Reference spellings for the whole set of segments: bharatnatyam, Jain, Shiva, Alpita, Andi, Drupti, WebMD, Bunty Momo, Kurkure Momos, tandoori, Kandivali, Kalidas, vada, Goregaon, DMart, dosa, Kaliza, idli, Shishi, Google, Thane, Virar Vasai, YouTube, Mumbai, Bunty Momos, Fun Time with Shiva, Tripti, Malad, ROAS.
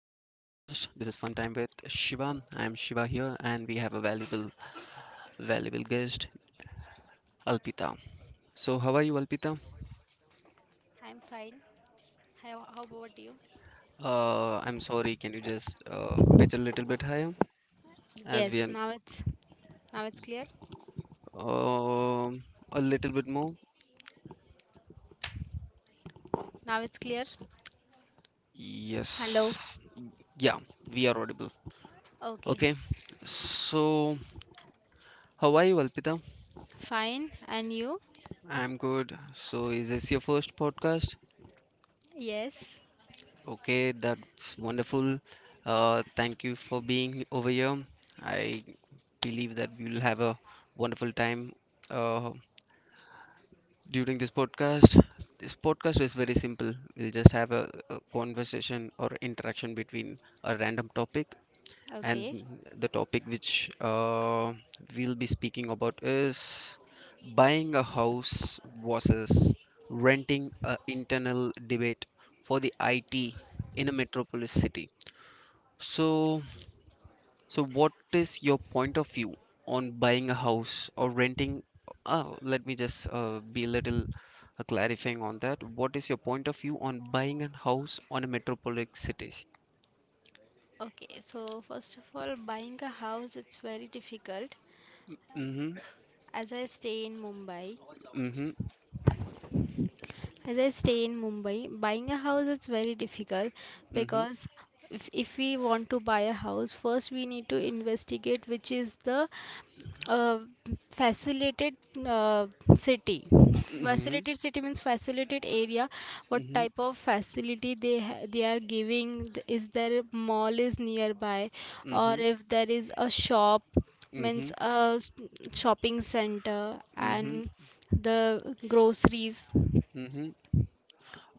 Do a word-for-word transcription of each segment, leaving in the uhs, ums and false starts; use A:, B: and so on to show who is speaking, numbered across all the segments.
A: Time with Shiva. I'm Shiva here, and we have a valuable, valuable guest, Alpita. So, how are you, Alpita?
B: I'm fine. How, how about you?
A: Uh, I'm sorry, can you just uh, pitch a little bit higher as
B: Yes,
A: we are
B: now it's now it's clear.
A: um a little bit more?
B: Now it's clear. Hello.
A: Yes, yeah, we are audible.
B: Okay.
A: Okay, so how are you, Alpita?
B: Fine. And you?
A: I'm good. So, is this your first podcast?
B: Yes.
A: Okay, that's wonderful. Uh, thank you for being over here. I believe that we will have a wonderful time uh, during this podcast. This podcast is very simple. We'll just have a, a conversation or interaction between a random topic,
B: Okay.
A: and the topic which uh, we'll be speaking about is buying a house versus renting a internal debate for the I T in a metropolis city. So, so what is your point of view on buying a house or renting? Uh, let me just uh, be a little uh, clarifying on that. What is your point of view on buying a house on a metropolitan cities?
B: Okay, so first of all, buying a house, it's very difficult
A: Mm-hmm.
B: as I stay in Mumbai.
A: Mm-hmm.
B: As I stay in Mumbai, buying a house is very difficult
A: Mm-hmm.
B: because if, if we want to buy a house, first we need to investigate which is the uh, facilitated uh, city.
A: Mm-hmm.
B: Facilitated city means facilitated area. What
A: Mm-hmm.
B: type of facility they ha- they are giving? th- Is there a mall is nearby, or
A: Mm-hmm.
B: if there is a shop, means a s- shopping center,
A: Mm-hmm.
B: and the groceries.
A: Mm-hmm.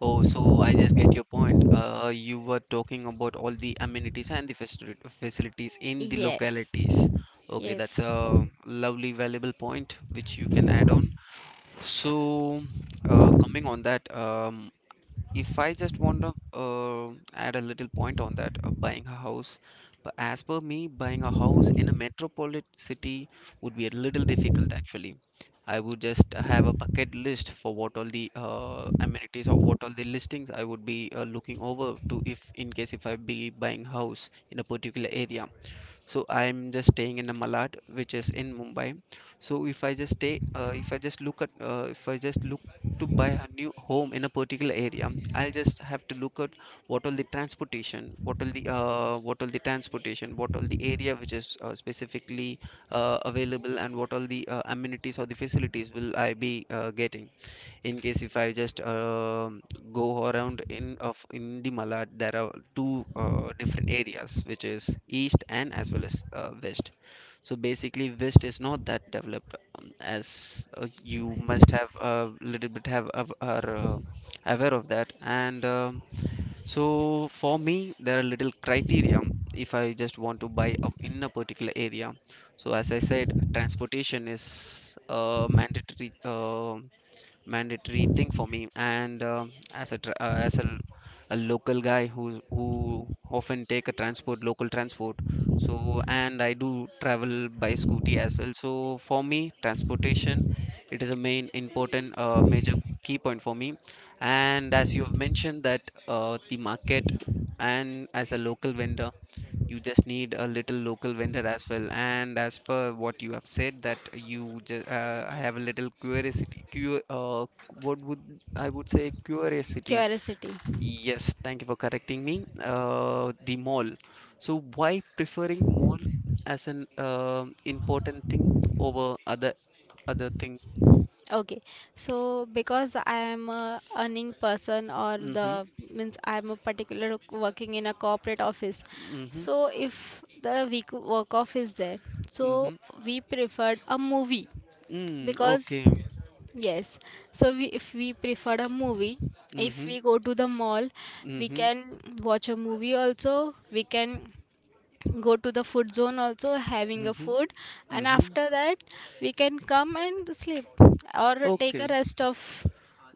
A: Oh, so I just get your point. Uh, you were talking about all the amenities and the facili- facilities in the
B: Yes,
A: localities. Okay, that's
B: yes,
A: a lovely, valuable point which you can add on. So, uh, coming on that, um, if I just want to uh, add a little point on that, uh, buying a house, but as per me, buying a house in a metropolitan city would be a little difficult actually. I would just have a bucket list for what all the uh, amenities or what all the listings I would be uh, looking over to if in case if I be buying house in a particular area. So I'm just staying in a Malad, which is in Mumbai. So if I just stay uh, if I just look at uh, if I just look to buy a new home in a particular area, I'll just have to look at what all the transportation what all the uh, what all the transportation, what all the area which is uh, specifically uh, available, and what all the uh, amenities or the facilities will I be uh, getting. In case if I just um, go around in of in the Malad, there are two uh, different areas, which is east and as well as uh, west. So basically, west is not that developed um, as uh, you must have a little bit have of- are uh, aware of that. And um, So for me, there are little criteria if I just want to buy up in a particular area. So as I said, transportation is a mandatory. Uh, mandatory thing for me. And um As a tra- uh, as a, a local guy who who often take a transport, local transport. So and I do travel by scooty as well. So for me, transportation, it is a main important uh, major key point for me. And as you have mentioned that uh, the market and as a local vendor, you just need a little local vendor as well. And as per what you have said, that you just uh, I have a little curiosity, cu- uh, what would I would say, curiosity.
B: curiosity.
A: Yes, thank you for correcting me. Uh, the mall, so why preferring mall as an uh important thing over other other thing?
B: Okay, so because I am a earning person, or
A: Mm-hmm.
B: the means I am a particular working in a corporate office.
A: Mm-hmm.
B: So if the week work off is there, so
A: Mm-hmm.
B: we preferred a movie,
A: Mm,
B: because
A: okay.
B: yes, so we if we preferred a movie, if
A: Mm-hmm.
B: we go to the mall, we
A: Mm-hmm.
B: can watch a movie also. We can go to the food zone also, having a
A: Mm-hmm.
B: food, and
A: Mm-hmm.
B: after that we can come and sleep, or take a
A: Okay.
B: rest of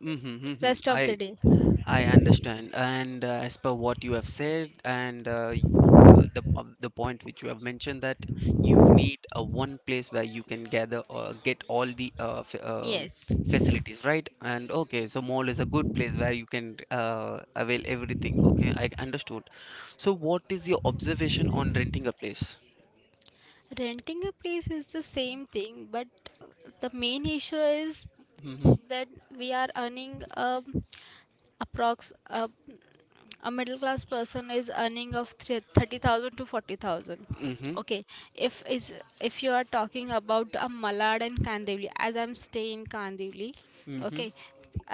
A: Mm-hmm, mm-hmm.
B: rest of
A: I
B: the day.
A: I understand. And uh, as per what you have said, and uh, y- uh, the uh, the point which you have mentioned that you need a one place where you can gather or get all the uh, f um
B: Yes,
A: facilities, right? And okay, so mall is a good place where you can uh, avail everything. Okay, I understood. So what is your observation on renting a place?
B: renting a place is the same thing, but the main issue is
A: Mm-hmm.
B: that we are earning um, approx, uh, a middle class person is earning of thre- thirty thousand to forty thousand.
A: Mm-hmm.
B: Okay, if is if you are talking about a Malad and Kandivli, as i'm staying in kandivli
A: Mm-hmm.
B: okay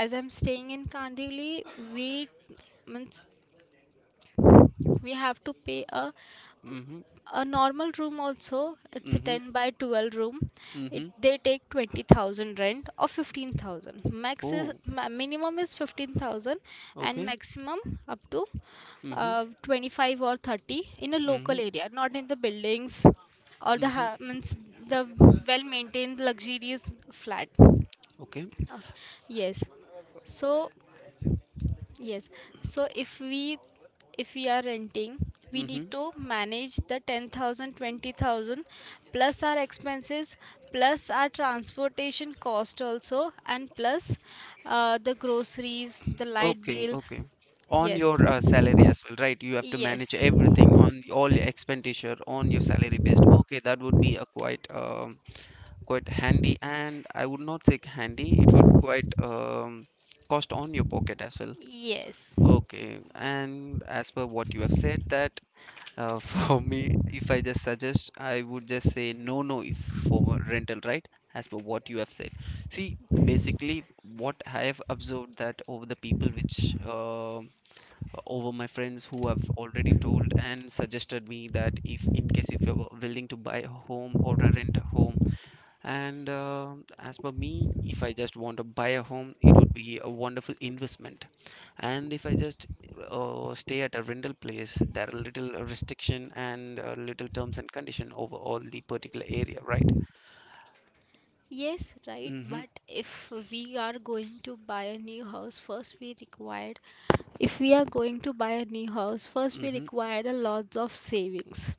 B: as I'm staying in Kandivli, we means we have to pay a
A: Mm-hmm.
B: a normal room. Also, it's a
A: Mm-hmm.
B: ten by twelve room. It
A: Mm-hmm.
B: they take twenty thousand rent, or fifteen thousand max, is
A: Oh,
B: ma- minimum is fifteen thousand, and
A: okay.
B: maximum up to
A: Mm-hmm.
B: uh, twenty-five or thirty in a local
A: Mm-hmm.
B: area, not in the buildings, or the
A: Mm-hmm.
B: ha- means the well maintained luxurious flat.
A: Okay.
B: Uh, yes, so yes. So if we if we are renting, we need
A: Mm-hmm.
B: to manage the ten thousand, twenty thousand, plus our expenses, plus our transportation cost also, and plus uh, the groceries, the light
A: Okay,
B: bills.
A: okay. On
B: Yes.
A: your uh, salary as well, right? You have to manage
B: Yes.
A: everything on the, all your expenditure on your salary based. Okay, that would be a quite um, quite handy, and I would not say handy. It would quite um, cost on your pocket as well.
B: Yes.
A: Okay, and as per what you have said, that uh, for me, if I just suggest, I would just say no, no, if for rental, right? As per what you have said. See, basically, what I have observed that over the people which um over my friends who have already told and suggested me that if in case if you're willing to buy a home or a rent a home and uh, as per me, if I just want to buy a home, it would be a wonderful investment. And if I just uh, stay at a rental place, there are little restriction and uh, little terms and condition over all the particular area, right?
B: Yes, right.
A: Mm-hmm.
B: But if we are going to buy a new house, first we required. If we are going to buy a new house, first we
A: Mm-hmm.
B: required a lot of savings.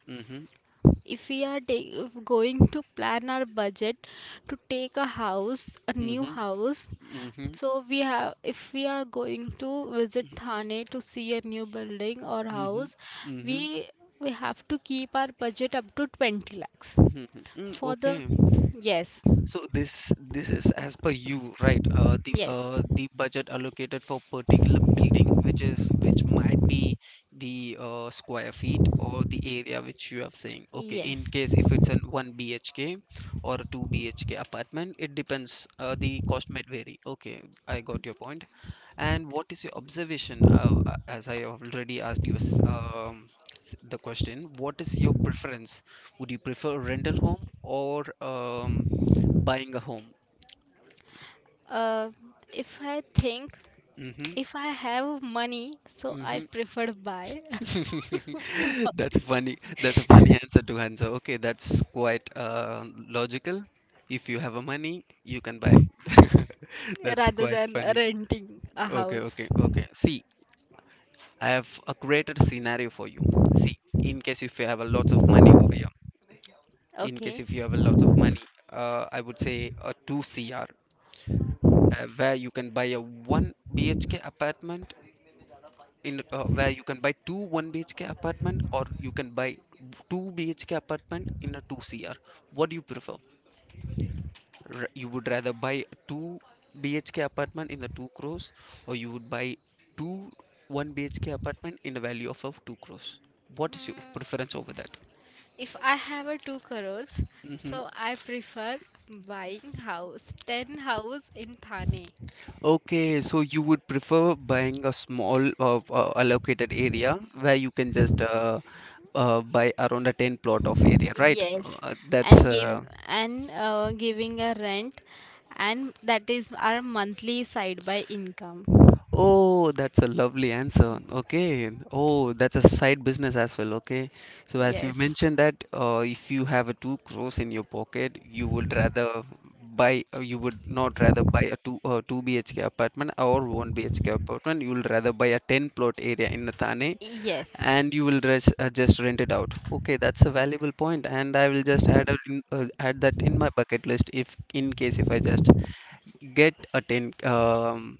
B: If we are take, If going to plan our budget to take a house a new
A: Mm-hmm.
B: house,
A: Mm-hmm.
B: so we have if we are going to visit
A: Mm-hmm.
B: Thane to see a new building or
A: Mm-hmm.
B: house,
A: Mm-hmm. Mm-hmm.
B: we we have to keep our budget up to twenty lakhs
A: Mm-hmm. Mm,
B: for the
A: okay.
B: yes
A: So this this is as per you, right? Uh, the
B: yes,
A: uh, the budget allocated for particular building, which is which might be the uh, square feet or the area which you have saying. Okay, in
B: yes.
A: case if it's an one B H K or a two B H K apartment, it depends. Uh, the cost might vary. Okay, I got your point. And what is your observation? Uh, uh, as I already asked you s- um, s- the question, what is your preference? Would you prefer rental home or um, buying a home?
B: Uh, if I think,
A: Mm-hmm.
B: if I have money, so I
A: Mm-hmm.
B: prefer buy
A: That's funny. That's a funny answer to answer. Okay, that's quite uh, logical. If you have a money, you can buy. That's
B: rather
A: quite
B: than
A: funny.
B: renting a
A: Okay,
B: house.
A: okay, okay. See, I have uh, created a scenario for you. See, in case if you have a lot of money over here, in case
B: Okay.
A: if you have a lot of money, uh, I would say a two C R, uh, where you can buy a one B H K apartment in uh, where you can buy two one BHK apartment, or you can buy two BHK apartment in a two CR. What do you prefer? R- you would rather buy two BHK apartment in the two crores, or you would buy two one BHK apartment in the value of, of two crores? What is your
B: Mm,
A: preference over that?
B: if I have a two crores,
A: Hmm.
B: so I prefer buying house, ten house in Thane.
A: Okay, so you would prefer buying a small uh, uh, allocated area where you can just uh, uh, buy around a ten plot of area, right?
B: Yes,
A: Uh, that's
B: and give
A: uh,
B: and uh, giving a rent, and that is our monthly side by income.
A: Oh, that's a lovely answer. Okay. Oh, that's a side business as well. Okay. So as you
B: Yes,
A: mentioned that uh, if you have a two crores in your pocket, you would rather buy, uh, you would not rather buy a two uh, two B H K apartment or one B H K apartment. You will rather buy a ten plot area in Thane,
B: yes,
A: and you will res uh, just rent it out. Okay, that's a valuable point, and I will just add a, in- uh, add that in my bucket list if in case if I just get a ten um,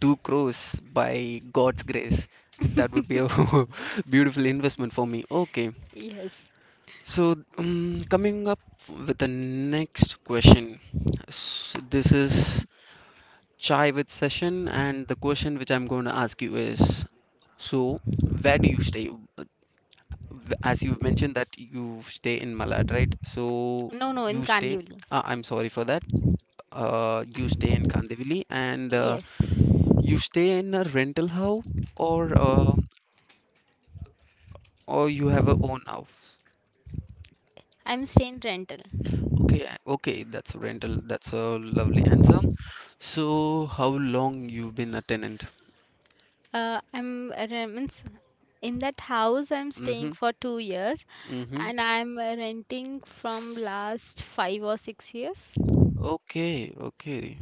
A: two crores by god's grace. That would be a beautiful investment for me. Okay,
B: yes.
A: so um, coming up with the next question. S This is chai with session, and the question which I'm going to ask you is, so where do you stay? Uh, w- as you've mentioned that you stay in Malad, right? So
B: No, no, in
A: you stay,
B: Kandivali.
A: uh, I'm sorry for that, uh, you stay in Kandivali. And uh,
B: Yes.
A: You stay in a rental house, or uh, or you have a own house?
B: I'm staying rental.
A: Okay, I- okay, that's a rental. That's a lovely answer. So, how long you've been a tenant?
B: Uh, I'm uh, re- means in that house I'm staying
A: Mm-hmm.
B: for two years,
A: Mm-hmm.
B: and I'm uh, renting from last five or six years.
A: Okay, okay,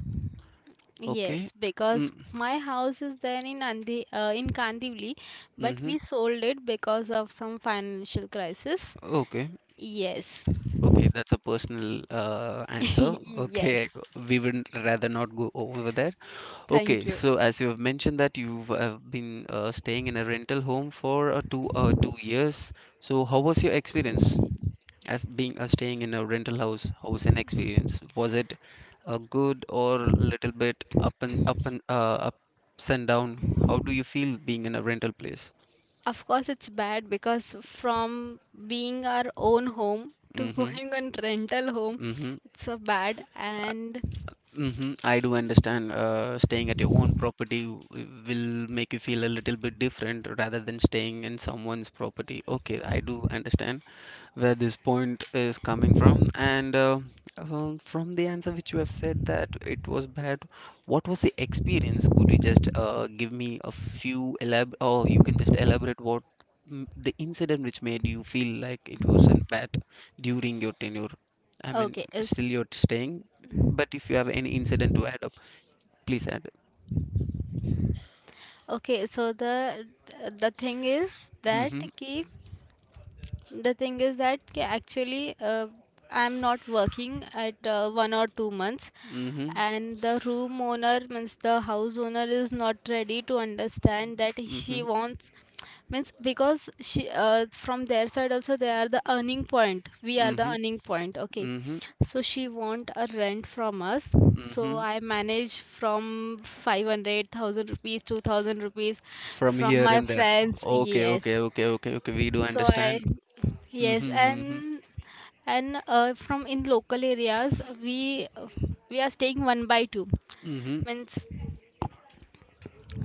A: okay.
B: Yes, because
A: Mm,
B: my house is there in Andi, uh, in Kandivali, but
A: mm-hmm.
B: we sold it because of some financial crisis.
A: Okay,
B: Yes,
A: okay. That's a personal uh, answer. Okay, I
B: yes.
A: go- we would rather not go over there.
B: Thank
A: Okay,
B: you.
A: so as you have mentioned that you have been uh, staying in a rental home for uh, two uh, two years. So how was your experience as being uh, staying in a rental house? How was an experience? Was it uh, good or little bit up and up and uh, ups and down? How do you feel being in a rental place?
B: Of course, it's bad because from being our own home to
A: Mm-hmm.
B: going on rental home,
A: Mm-hmm.
B: it's so bad and.
A: Mm-hmm. I do understand, uh, staying at your own property w- will make you feel a little bit different rather than staying in someone's property. Okay, I do understand where this point is coming from. And uh, um, From the answer which you have said that it was bad, what was the experience? Could you just uh, give me a few elab or you can just elaborate what, mm, the incident which made you feel like it wasn't bad during your tenure? I mean,
B: Okay,
A: still
B: is
A: you're staying, but if you have any incident to add up, please add.
B: okay. So the the thing is that
A: Mm-hmm.
B: कि. The thing is that ki, actually, uh, I'm not working at uh, one or two months,
A: Mm-hmm.
B: and the room owner, means the house owner, is not ready to understand that she
A: Mm-hmm.
B: wants, means because she uh, from their side also, they are the earning point. We are the
A: Mm-hmm.
B: earning point. Okay,
A: Mm-hmm.
B: so she want a rent from us. So
A: Mm-hmm,
B: I manage from five hundred thousand rupees, two thousand rupees
A: from
B: from
A: here
B: my
A: and there.
B: friends.
A: Okay, okay,
B: Yes,
A: okay, okay, okay. We do
B: so I,
A: understand.
B: yes,
A: Mm-hmm. hmm
B: and and uh, from in local areas, we we are staying one by two,
A: hmm
B: means,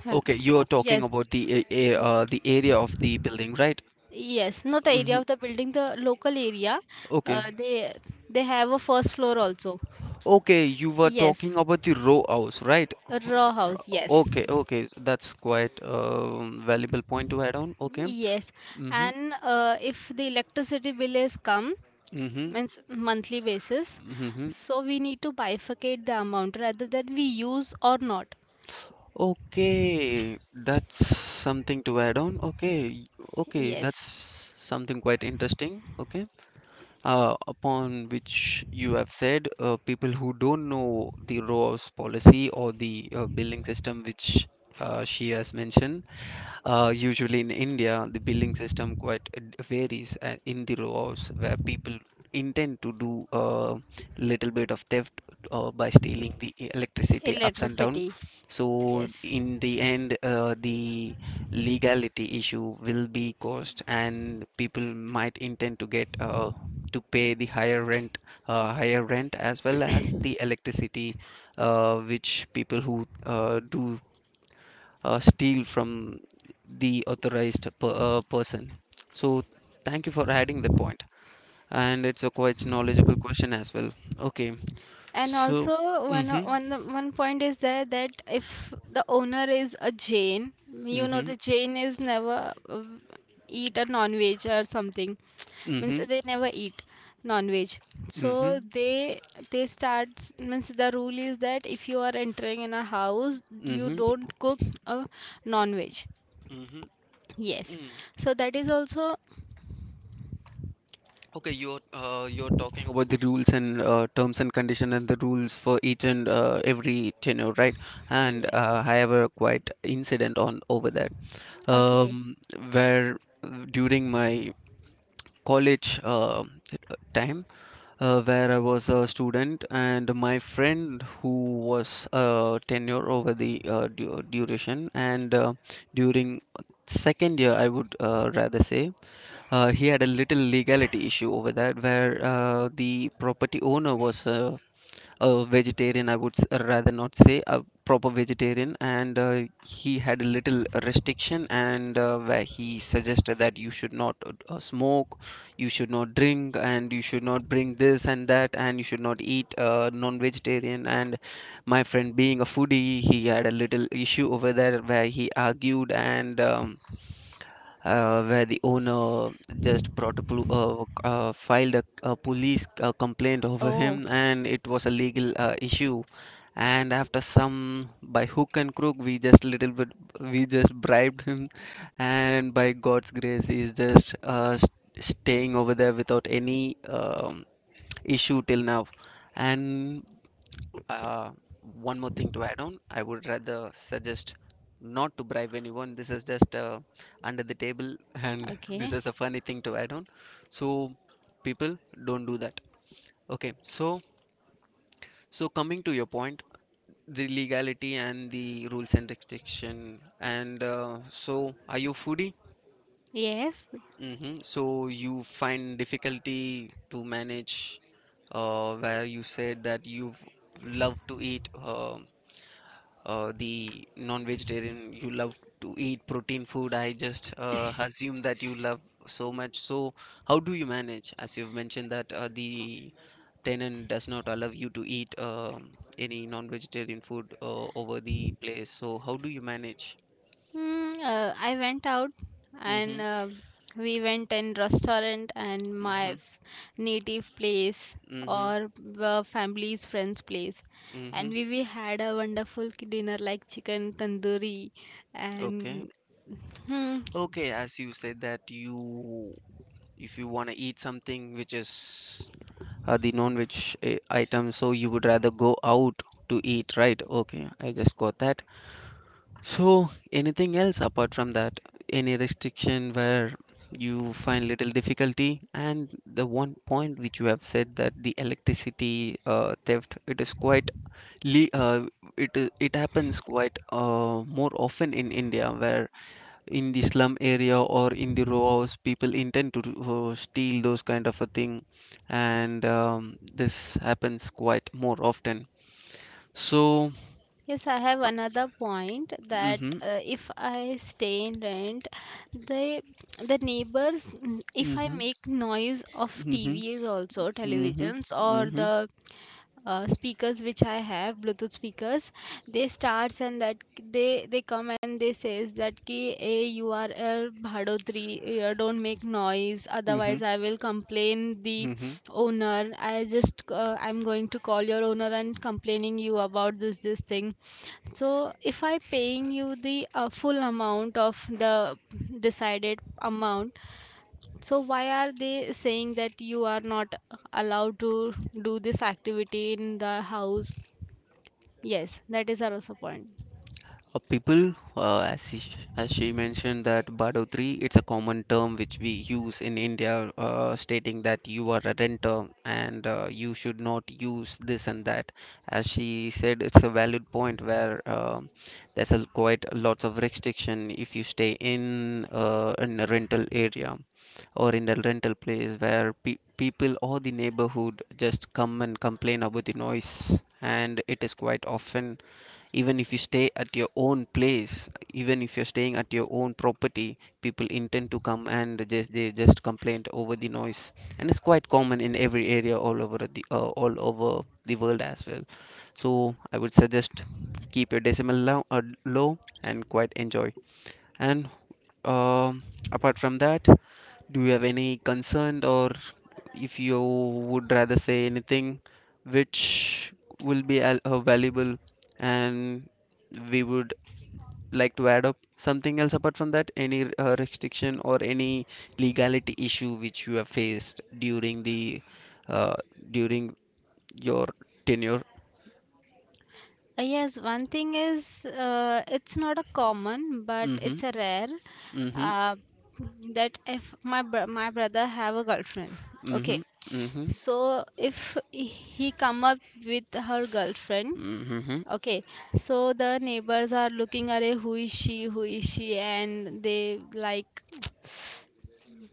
B: hello,
A: Okay, you are talking
B: yes.
A: about the a- a- uh, the area of the building, right?
B: Yes, not area
A: Mm-hmm.
B: of the building, the local area.
A: Okay.
B: Uh, they they have a first floor also.
A: Okay, you were talking
B: Yes,
A: about the row house, right?
B: a raw house. Yes,
A: Okay, okay. That's quite a valuable point to add on. Okay.
B: yes,
A: Mm-hmm.
B: and uh, if the electricity bill is come,
A: Mm-hmm.
B: means monthly basis,
A: Mm-hmm.
B: so we need to bifurcate the amount rather than we use or not.
A: Okay, that's something to add on. Okay. Okay, that's
B: Yes,
A: something quite interesting. Okay. Uh, upon which you have said, uh, people who don't know the ROAS policy or the uh, billing system which uh, she has mentioned uh, usually in India, the billing system quite uh, d- varies uh, in the rows where people intend to do a little bit of theft uh, by stealing the e- electricity ups and down.
B: electricity.
A: So
B: Yes.
A: in the end, uh, the legality issue will be caused, and people might intend to get uh, to pay the higher rent, uh, higher rent as well as the electricity, uh, which people who uh, do uh, steal from the authorized per, uh, person. So thank you for adding that point, and it's a quite knowledgeable question as well. Okay,
B: And
A: so
B: also, one o-
A: mm-hmm,
B: one one point is there that if the owner is a Jain, you know
A: mm-hmm,
B: the Jain is never uh, eat a non-veg or something. Means
A: mm-hmm,
B: they never eat non-veg. So
A: mm-hmm,
B: they they start, means the rule is that if you are entering in a house, you
A: mm-hmm,
B: don't cook a non-veg.
A: mm-hmm.
B: Yes.
A: Mm.
B: So that is also,
A: Okay, you're uh, you're talking about the rules and uh, terms and condition and the rules for each and uh, every tenure, right? And
B: yes.
A: uh, I have a quite incident on over that,
B: Okay.
A: um, where uh, during my college uh, time uh, where I was a student, and my friend who was uh, tenure over the uh, du- duration, and uh, during second year, I would uh, rather say, uh, he had a little legality issue over that where uh, the property owner was. Uh, a vegetarian, I would s- rather not say a proper vegetarian, and uh, he had a little restriction, and uh, where he suggested that you should not uh, uh, smoke, you should not drink, and you should not bring this and that, and you should not eat uh, non-vegetarian. And my friend being a foodie, he had a little issue over there where he argued, and um, uh, where the owner just brought a pol- uh, uh, filed a, a police uh, complaint over
B: Oh,
A: him, and it was a legal uh, issue. And after some, by hook and crook, we just little bit, we just bribed him, and by God's grace, he's just uh, s- staying over there without any um, issue till now. And uh, one more thing to add on, I would rather suggest not to bribe anyone. This is just uh, under the table, and
B: okay.
A: this is a funny thing to add on. So, people, don't do that. Okay, so so coming to your point, the legality and the rules and restriction, and uh, so are you foodie?
B: Yes.
A: Hmm. So you find difficulty to manage, uh, where you said that you love to eat uh, uh, the non-vegetarian, you love to eat protein food. I just uh, assume that you love so much. So how do you manage? As you've mentioned that uh, the tenant does not allow you to eat um any non-vegetarian food uh, over the place. So how do you manage?
B: Hmm. uh, I went out, and
A: Mm-hmm.
B: uh, we went in restaurant, and my
A: Mm-hmm.
B: f- native place,
A: Mm-hmm.
B: or uh, family's friend's place,
A: Mm-hmm.
B: and we, we had a wonderful k- dinner like chicken tandoori,
A: Okay.
B: and hmm,
A: Okay, as you said that you, if you want to eat something which is uh, the non-veg uh, item, so you would rather go out to eat, right? Okay, I just got that. So, anything else apart from that? Any restriction where you find little difficulty? And the one point which you have said that the electricity uh, theft, it is quite, le uh, it it happens quite uh, more often in India where in the slum area or in the row house people intend to uh, steal those kind of a thing, and um, this happens quite more often, so
B: yes. I have another point, that
A: mhm,
B: uh, if I stay in rent, the the neighbors, mm, if I
A: mhm,
B: make noise of T
A: mhm,
B: V's also
A: mhm,
B: televisions, or
A: mhm,
B: the uh, speakers which I have, Bluetooth speakers, they starts, and that they they come, and they says that, ki, hey, you are a bhadotri, uh, don't make noise,
A: mhm,
B: otherwise I will complain the
A: mhm.
B: owner. I just, uh, I'm going to call your owner and complaining you about this this thing. So if I paying you the uh, full amount of the decided amount, so why are they saying that you are not allowed to do this activity in the house? Yes, that is also point.
A: Uh, people, uh, as she, as she mentioned that Badodri, it's a common term which we use in India, uh, stating that you are a renter, and uh, you should not use this and that. As she said, it's a valid point where um there's a quite lots of restriction if you stay in uh, in a rental area or in a rental place where pe people or the neighborhood just come and complain about the noise, and it is quite often, even if you stay at your own place, even if you're staying at your own property, people intend to come and just they just complain over the noise, and it's quite common in every area all over the uh, all over the world as well. So I would suggest, keep your decimal low, uh, low and quite enjoy. And um apart from that, do you have any concern, or if you would rather say anything which will be al- uh, valuable, and we would like to add up something else apart from that? Any r- uh, restriction or any legality issue which you have faced during the uh, during your tenure?
B: Uh, yes, one thing is, uh, it's not a common, but
A: Mm-hmm.
B: it's a rare,
A: Mm-hmm.
B: uh, that if my br- my brother have a girlfriend,
A: Mm-hmm.
B: okay.
A: Mm-hmm.
B: So if he come up with her girlfriend,
A: Mm-hmm.
B: okay. So the neighbors are looking at who is she, who is she, and they like,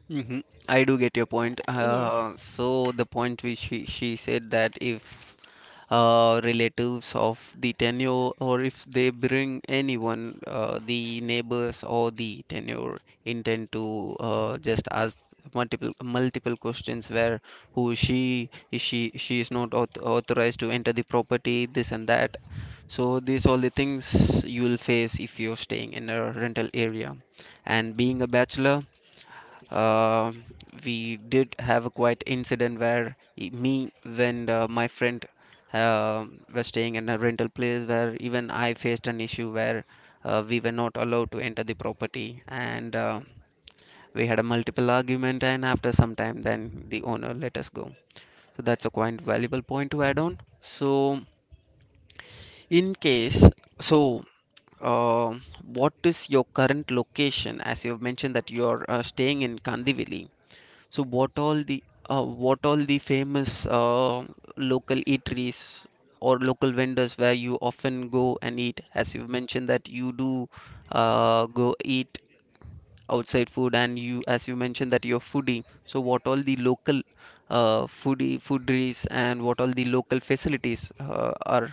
A: Hmm. I do get your
B: uh,
A: point.
B: yes.
A: Uh, so the point which she, she said, that if uh, relatives of the tenure or if they bring anyone, uh, the neighbors or the tenure intend to uh, just ask multiple multiple questions where who is she, is she she is not auth authorized to enter the property, this and that. So these all the things you will face if you're staying in a rental area, and being a bachelor. Um we did have a quite incident where e- me and uh, my friend um were staying in a rental place where even I faced an issue where uh, we were not allowed to enter the property, and uh, we had a multiple argument, and after some time then the owner let us go. So that's a quite valuable point to add on. So in case, so uh, what is your current location, as you have mentioned that you are uh, staying in Kandivali, so what all the uh, what all the famous uh, local eateries or local vendors where you often go and eat? As you've mentioned that you do uh, go eat outside food, and you as you mentioned that you're foodie, so what all the local uh, foodie foodies and what all the local facilities uh, are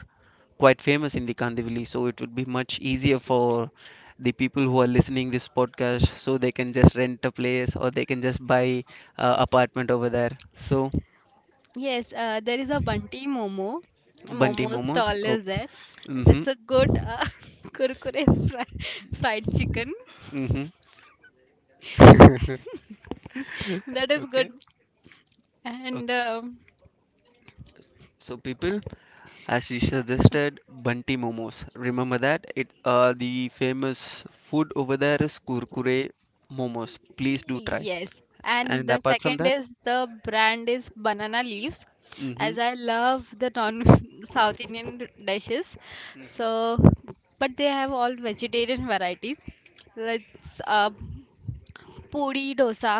A: quite famous in the Kandivali, so it would be much easier for the people who are listening this podcast, so they can just rent a place or they can just buy uh, apartment over there, so
B: Yes, uh, there is a Bunty Momo.
A: Bunty
B: Momo
A: Momos,
B: stall
A: oh,
B: is there.
A: mm-hmm,
B: That's a good uh, kurkure fri fried chicken.
A: mm-hmm.
B: That is good.
A: Okay.
B: And
A: Okay.
B: um,
A: So people, as you suggested, Bunty Momos. Remember that? It uh, the famous food over there is Kurkure Momos. Please do try.
B: yes, and
A: And
B: the
A: apart from
B: second
A: that,
B: is the brand is banana leaves,
A: mm-hmm,
B: as I love the non South Indian dishes. So, but they have all vegetarian varieties. Let's, uh, पोळी dosa,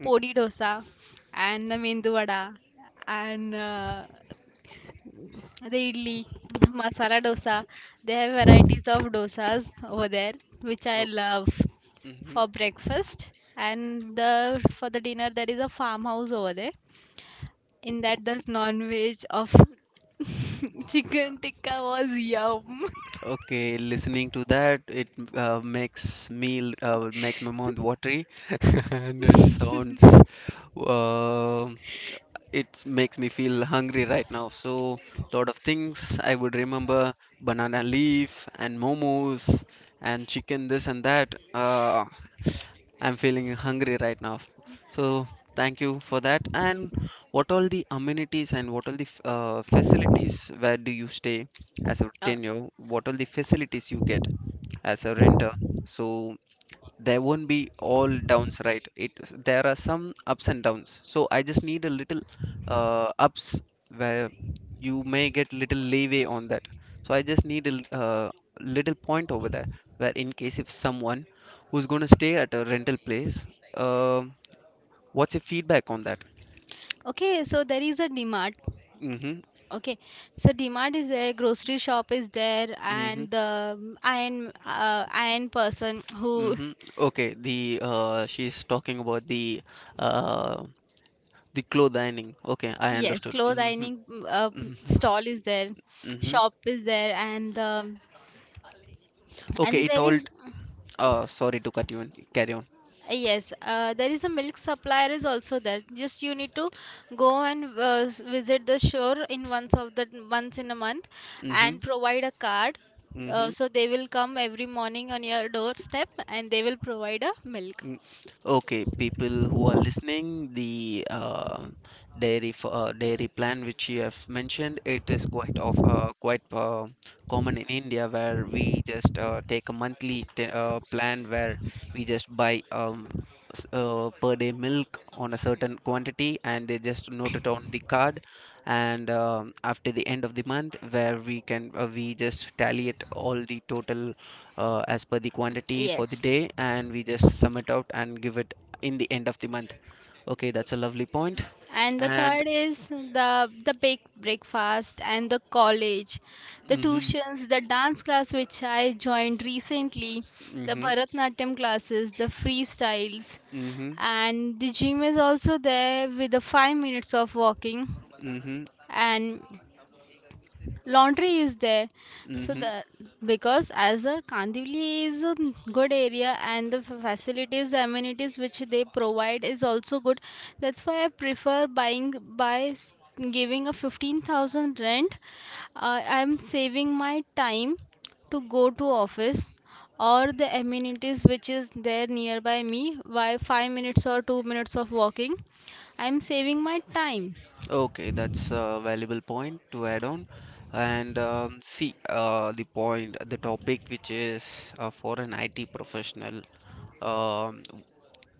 A: mm,
B: पोळी dosa and medu vada and the idli, masala dosa. They have varieties of dosas over there, which I
A: oh,
B: love
A: mm-hmm.
B: for breakfast. And the for the dinner, there is a farmhouse over there. In that, the non-veg of chicken tikka was yum.
A: Okay, listening to that, it uh, makes me uh, makes my mouth watery, and it sounds. Um, it makes me feel hungry right now, so lot of things I would remember, banana leaf and momos and chicken this and that. uh, I'm feeling hungry right now, so thank you for that. And what all the amenities and what all the f- uh, facilities where do you stay, as a
B: Uh,
A: tenure what all the facilities you get as a renter? So there won't be all downs, right? It there are some ups and downs, so I just need a little uh, ups where you may get little leeway on that. So I just need a l- uh, little point over there where in case if someone who's going to stay at a rental place, um what's your feedback on that?
B: okay, so there is a Mart.
A: Mm-hmm.
B: Okay, so Dmart is there, grocery shop is there,
A: Mm-hmm.
B: and the um, iron uh, iron person who
A: Mm-hmm. Okay, the uh, she's talking about the uh, the clothing. Okay, I
B: yes,
A: understood.
B: clothes
A: Mm-hmm.
B: ironing, mm, uh, p-
A: Mm-hmm.
B: stall is there,
A: Mm-hmm.
B: shop is there, and the
A: Okay,
B: and
A: it
B: there
A: all.
B: is,
A: Uh, sorry to cut you in. Carry on.
B: yes, uh, there is a milk supplier is also there. Just you need to go and uh, s- visit the shore in, once of the once in a month, and
A: Mm-hmm.
B: provide a card. Uh,
A: Mm-hmm.
B: so they will come every morning on your doorstep, and they will provide a milk.
A: Mm. Okay, people who are listening, the uh, dairy f- uh, dairy plan which you have mentioned, it is quite of uh, quite uh, common in India where we just uh, take a monthly t uh, plan where we just buy um, s- uh, per day milk on a certain quantity, and they just note it on the card, and um, after the end of the month where we can uh, we just tally it all the total uh, as per the quantity for the
B: Yes.
A: day, and we just sum it out and give it in the end of the month. Okay, that's a lovely point point.
B: And the
A: And
B: third is the the big breakfast, and the college, the
A: mm,
B: tuitions, the dance class which I joined recently, the
A: mhm,
B: Bharatnatyam classes, the freestyles,
A: mm, mhm, mm,
B: and the gym is also there, with the five minutes of walking,
A: mhm, mm, mhm,
B: and laundry is there.
A: mm,
B: So the
A: mhm.
B: because as a Kandivali is a good area, and the facilities, the amenities which they provide is also good, that's why I prefer buying. By s- giving a fifteen thousand rent, uh, I'm saving my time to go to office, or the amenities which is there nearby me, by five minutes or two minutes of walking, I'm saving my time
A: Okay, that's a valuable point to add on. And um, see, uh, the point the topic, which is uh, for an I T professional. um,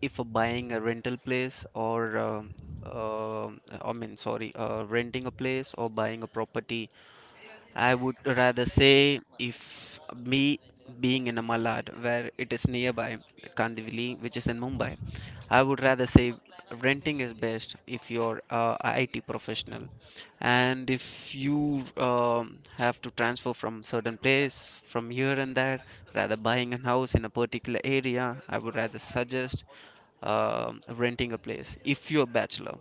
A: if buying a rental place, or um, uh, I mean, sorry, uh, renting a place or buying a property, I would rather say, if me being in a Malad, where it is nearby Kandivali, which is in Mumbai, I would rather say renting is best if you're a I T professional. And if you um, have to transfer from certain place from here and there, rather buying a house in a particular area, I would rather suggest um renting a place if you're a bachelor.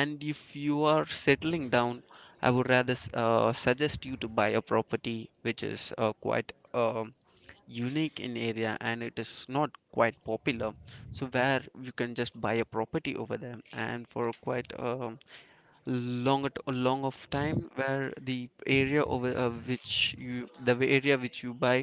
A: And if you are settling down, I would rather s- uh, suggest you to buy a property which is uh, quite um unique in area, and it is not quite popular. So where you can just buy a property over there, and for quite a long at- a long of time, where the area over uh, which you the area which you buy,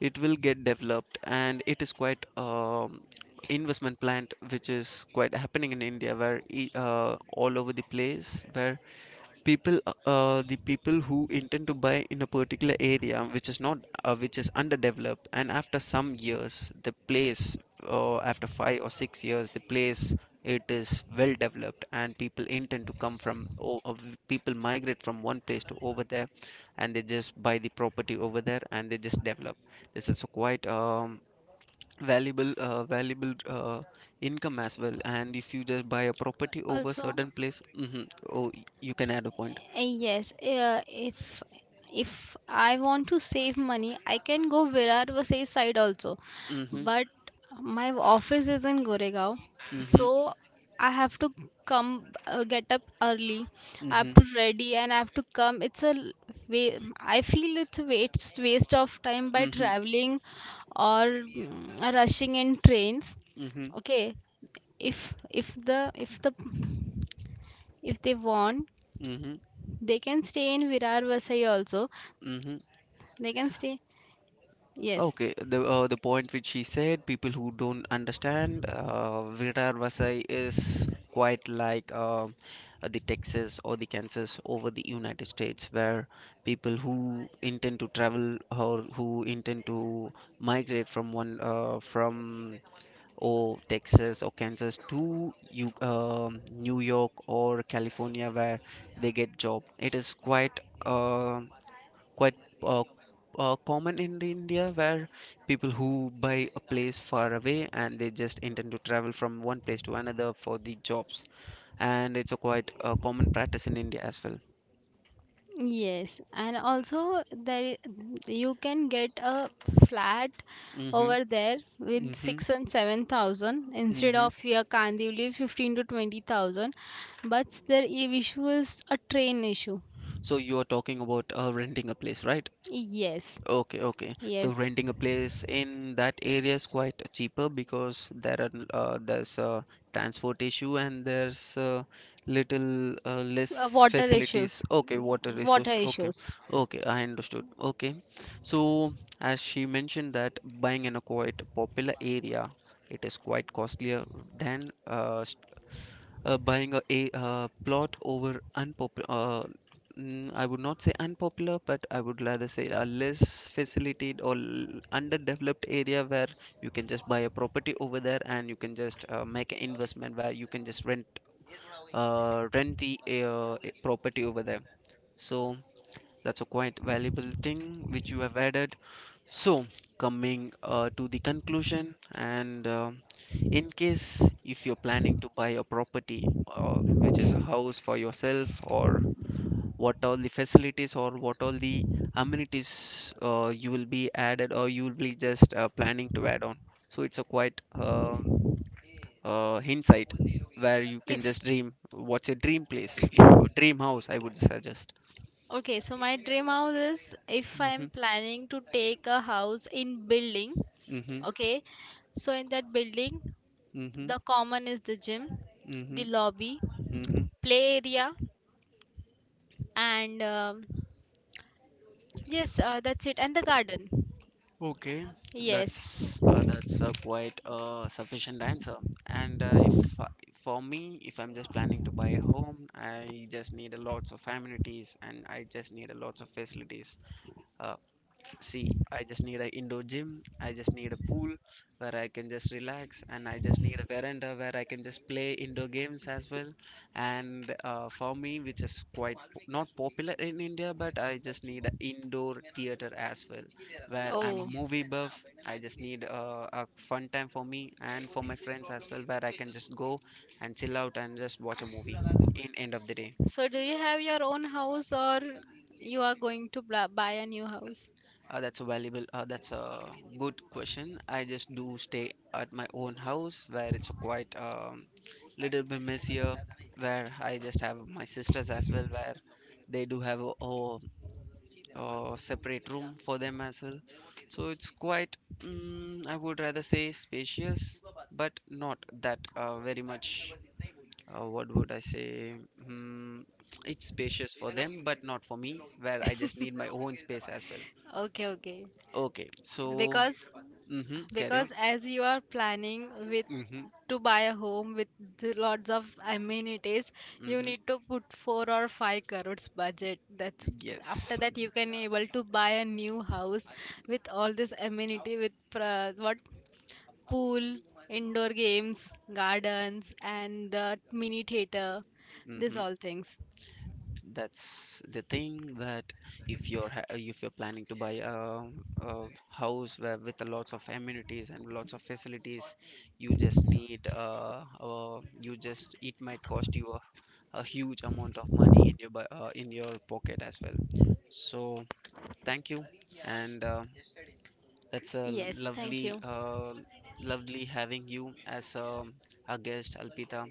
A: it will get developed. And it is quite um, investment plant which is quite happening in India, where e- uh, all over the place where people uh, uh, the people who intend to buy in a particular area which is not uh, which is underdeveloped, and after some years the place, uh, after five or six years the place, it is well developed, and people intend to come from o- of- people migrate from one place to over there, and they just buy the property over there, and they just develop. This is a quite um, valuable uh, valuable, uh, income as well. And if you just buy a property over
B: also.
A: certain place. Mhm. Oh, you can add a point.
B: Uh, Yes, uh, if if I want to save money, I can go Virar Vasai side also.
A: Mhm.
B: But my office is in Goregaon,
A: Mhm.
B: so I have to come uh, get up early. I have
A: Mhm.
B: to ready, and I have to come. It's a l- wa- I feel it's a waste waste of time by
A: Mhm.
B: traveling, or, mm, rushing in trains.
A: Mhm.
B: Okay, if if the if the if they want,
A: Mhm.
B: they can stay in Virar Vasai also.
A: Mhm.
B: They can stay. Yes.
A: Okay, the uh, the point which she said, people who don't understand, uh, Virar Vasai is quite like um uh, the Texas or the Kansas over the United States, where people who intend to travel or who intend to migrate from one uh, from or Texas or Kansas to you, um, New York or California, where they get job. It is quite uh, quite uh, uh, common in India, where people who buy a place far away and they just intend to travel from one place to another for the jobs, and it's a quite uh, common practice in India as well.
B: Yes. And also there you can get a flat
A: Mm-hmm.
B: over there with
A: Mm-hmm.
B: six and seven thousand, instead
A: Mm-hmm.
B: of your Kandivali fifteen to twenty thousand. But their i- issue is a train issue.
A: So you are talking about uh, renting a place, right?
B: Yes.
A: Okay, okay. So
B: Yes.
A: renting a place in that area is quite cheaper because there are uh, there's a transport issue, and there's uh, little uh,
B: Uh,
A: less
B: water
A: facilities.
B: issues.
A: Okay, water
B: Water
A: resource. Okay,
B: issues.
A: okay, I understood. Okay, so as she mentioned that buying in a quite popular area, it is quite costlier than uh, uh, buying a, a uh, plot over unpopular, uh, mm, I would not say unpopular, but I would rather say a less facilitated, or l- underdeveloped area, where you can just buy a property over there, and you can just uh, make an investment, where you can just rent uh, rent the uh, property over there. So that's a quite valuable thing which you have added. So, coming uh, to the conclusion, and uh, in case if you're planning to buy a property, uh, which is a house for yourself, or what all the facilities or what all the amenities uh, you will be added or you will be just uh, planning to add on. So, it's a quite uh, uh, insight, where you can
B: If
A: just dream what's your dream place, i- dream house, I would suggest.
B: Okay, so my dream house is, if
A: Mm-hmm,
B: I'm planning to take a house in building.
A: mm-hmm,
B: Okay, so in that building,
A: mm-hmm,
B: the common is the gym,
A: mm-hmm,
B: the lobby,
A: mm-hmm.
B: play area, and um, yes, uh, that's it, and the garden.
A: Okay,
B: Yes.
A: that's uh, that's a quite uh, sufficient answer. And uh, if I- for me, if I'm just planning to buy a home, I just need a lots of amenities and I just need a lots of facilities. Uh, See, I just need an indoor gym. I just need a pool where I can just relax, and I just need a veranda where I can just play indoor games as well. And uh, for me, which is quite po- not popular in India, but I just need an indoor theater as well, where I'm a
B: Oh.
A: movie buff. I just need uh, a fun time for me and for my friends as well, where I can just go and chill out and just watch a movie in end of the day.
B: So, do you have your own house, or you are going to bla- buy a new house?
A: Uh, that's a valuable, uh, that's a good question. I just do stay at my own house where it's quite um, little bit messier, where I just have my sisters as well, where they do have a, a, a separate room for them as well. So it's quite, mm, I would rather say spacious, but not that uh, very much. Uh, what would I say? Mm, it's spacious for them, but not for me, where I just need my own space as well.
B: Okay, okay.
A: Okay, so,
B: because
A: mm-hmm. Carry on.
B: because as you are planning with
A: Mm-hmm.
B: to buy a home with the lots of amenities, you
A: Mm-hmm.
B: need to put four or five crores budget. That's, after
A: Yes.
B: that, you can able to buy a new house with all this amenity, with pra- what pool, indoor games, gardens, and the mini theater, these
A: Mm-hmm.
B: all things.
A: That's the thing, that if you're ha- if you're planning to buy a, a house where with lots of amenities and lots of facilities, you just need uh, uh you just it might cost you a, a huge amount of money in your bu- uh, in your pocket as well. So thank you, and uh, that's a
B: Yes, thank
A: lovely
B: you.
A: uh lovely having you as um a guest, Alpita.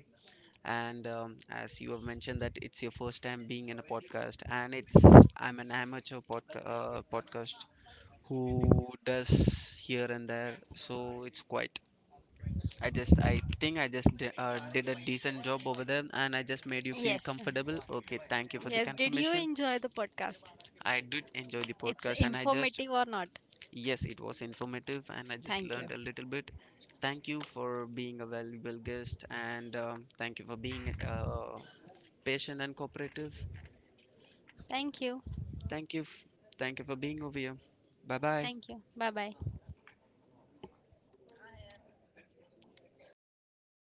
A: And um, as you have mentioned that it's your first time being in a podcast, and it's, I'm an amateur podca- uh, podcast who does here and there, so it's quite, I just, I think i just di- uh, did a decent job over there, and I just made you feel
B: Yes,
A: comfortable. Okay, thank you for the
B: yes. Did you
A: confirmation.
B: enjoy the podcast?
A: I did enjoy the
B: It's
A: podcast and I just,
B: informative or not?
A: yes, it was informative and I just
B: Thank you.
A: learned a little bit. Thank you for being a valuable guest, and um, thank you for being uh, patient and cooperative.
B: Thank you.
A: Thank you. F- thank you for being over here. Bye bye.
B: Thank you. Bye bye.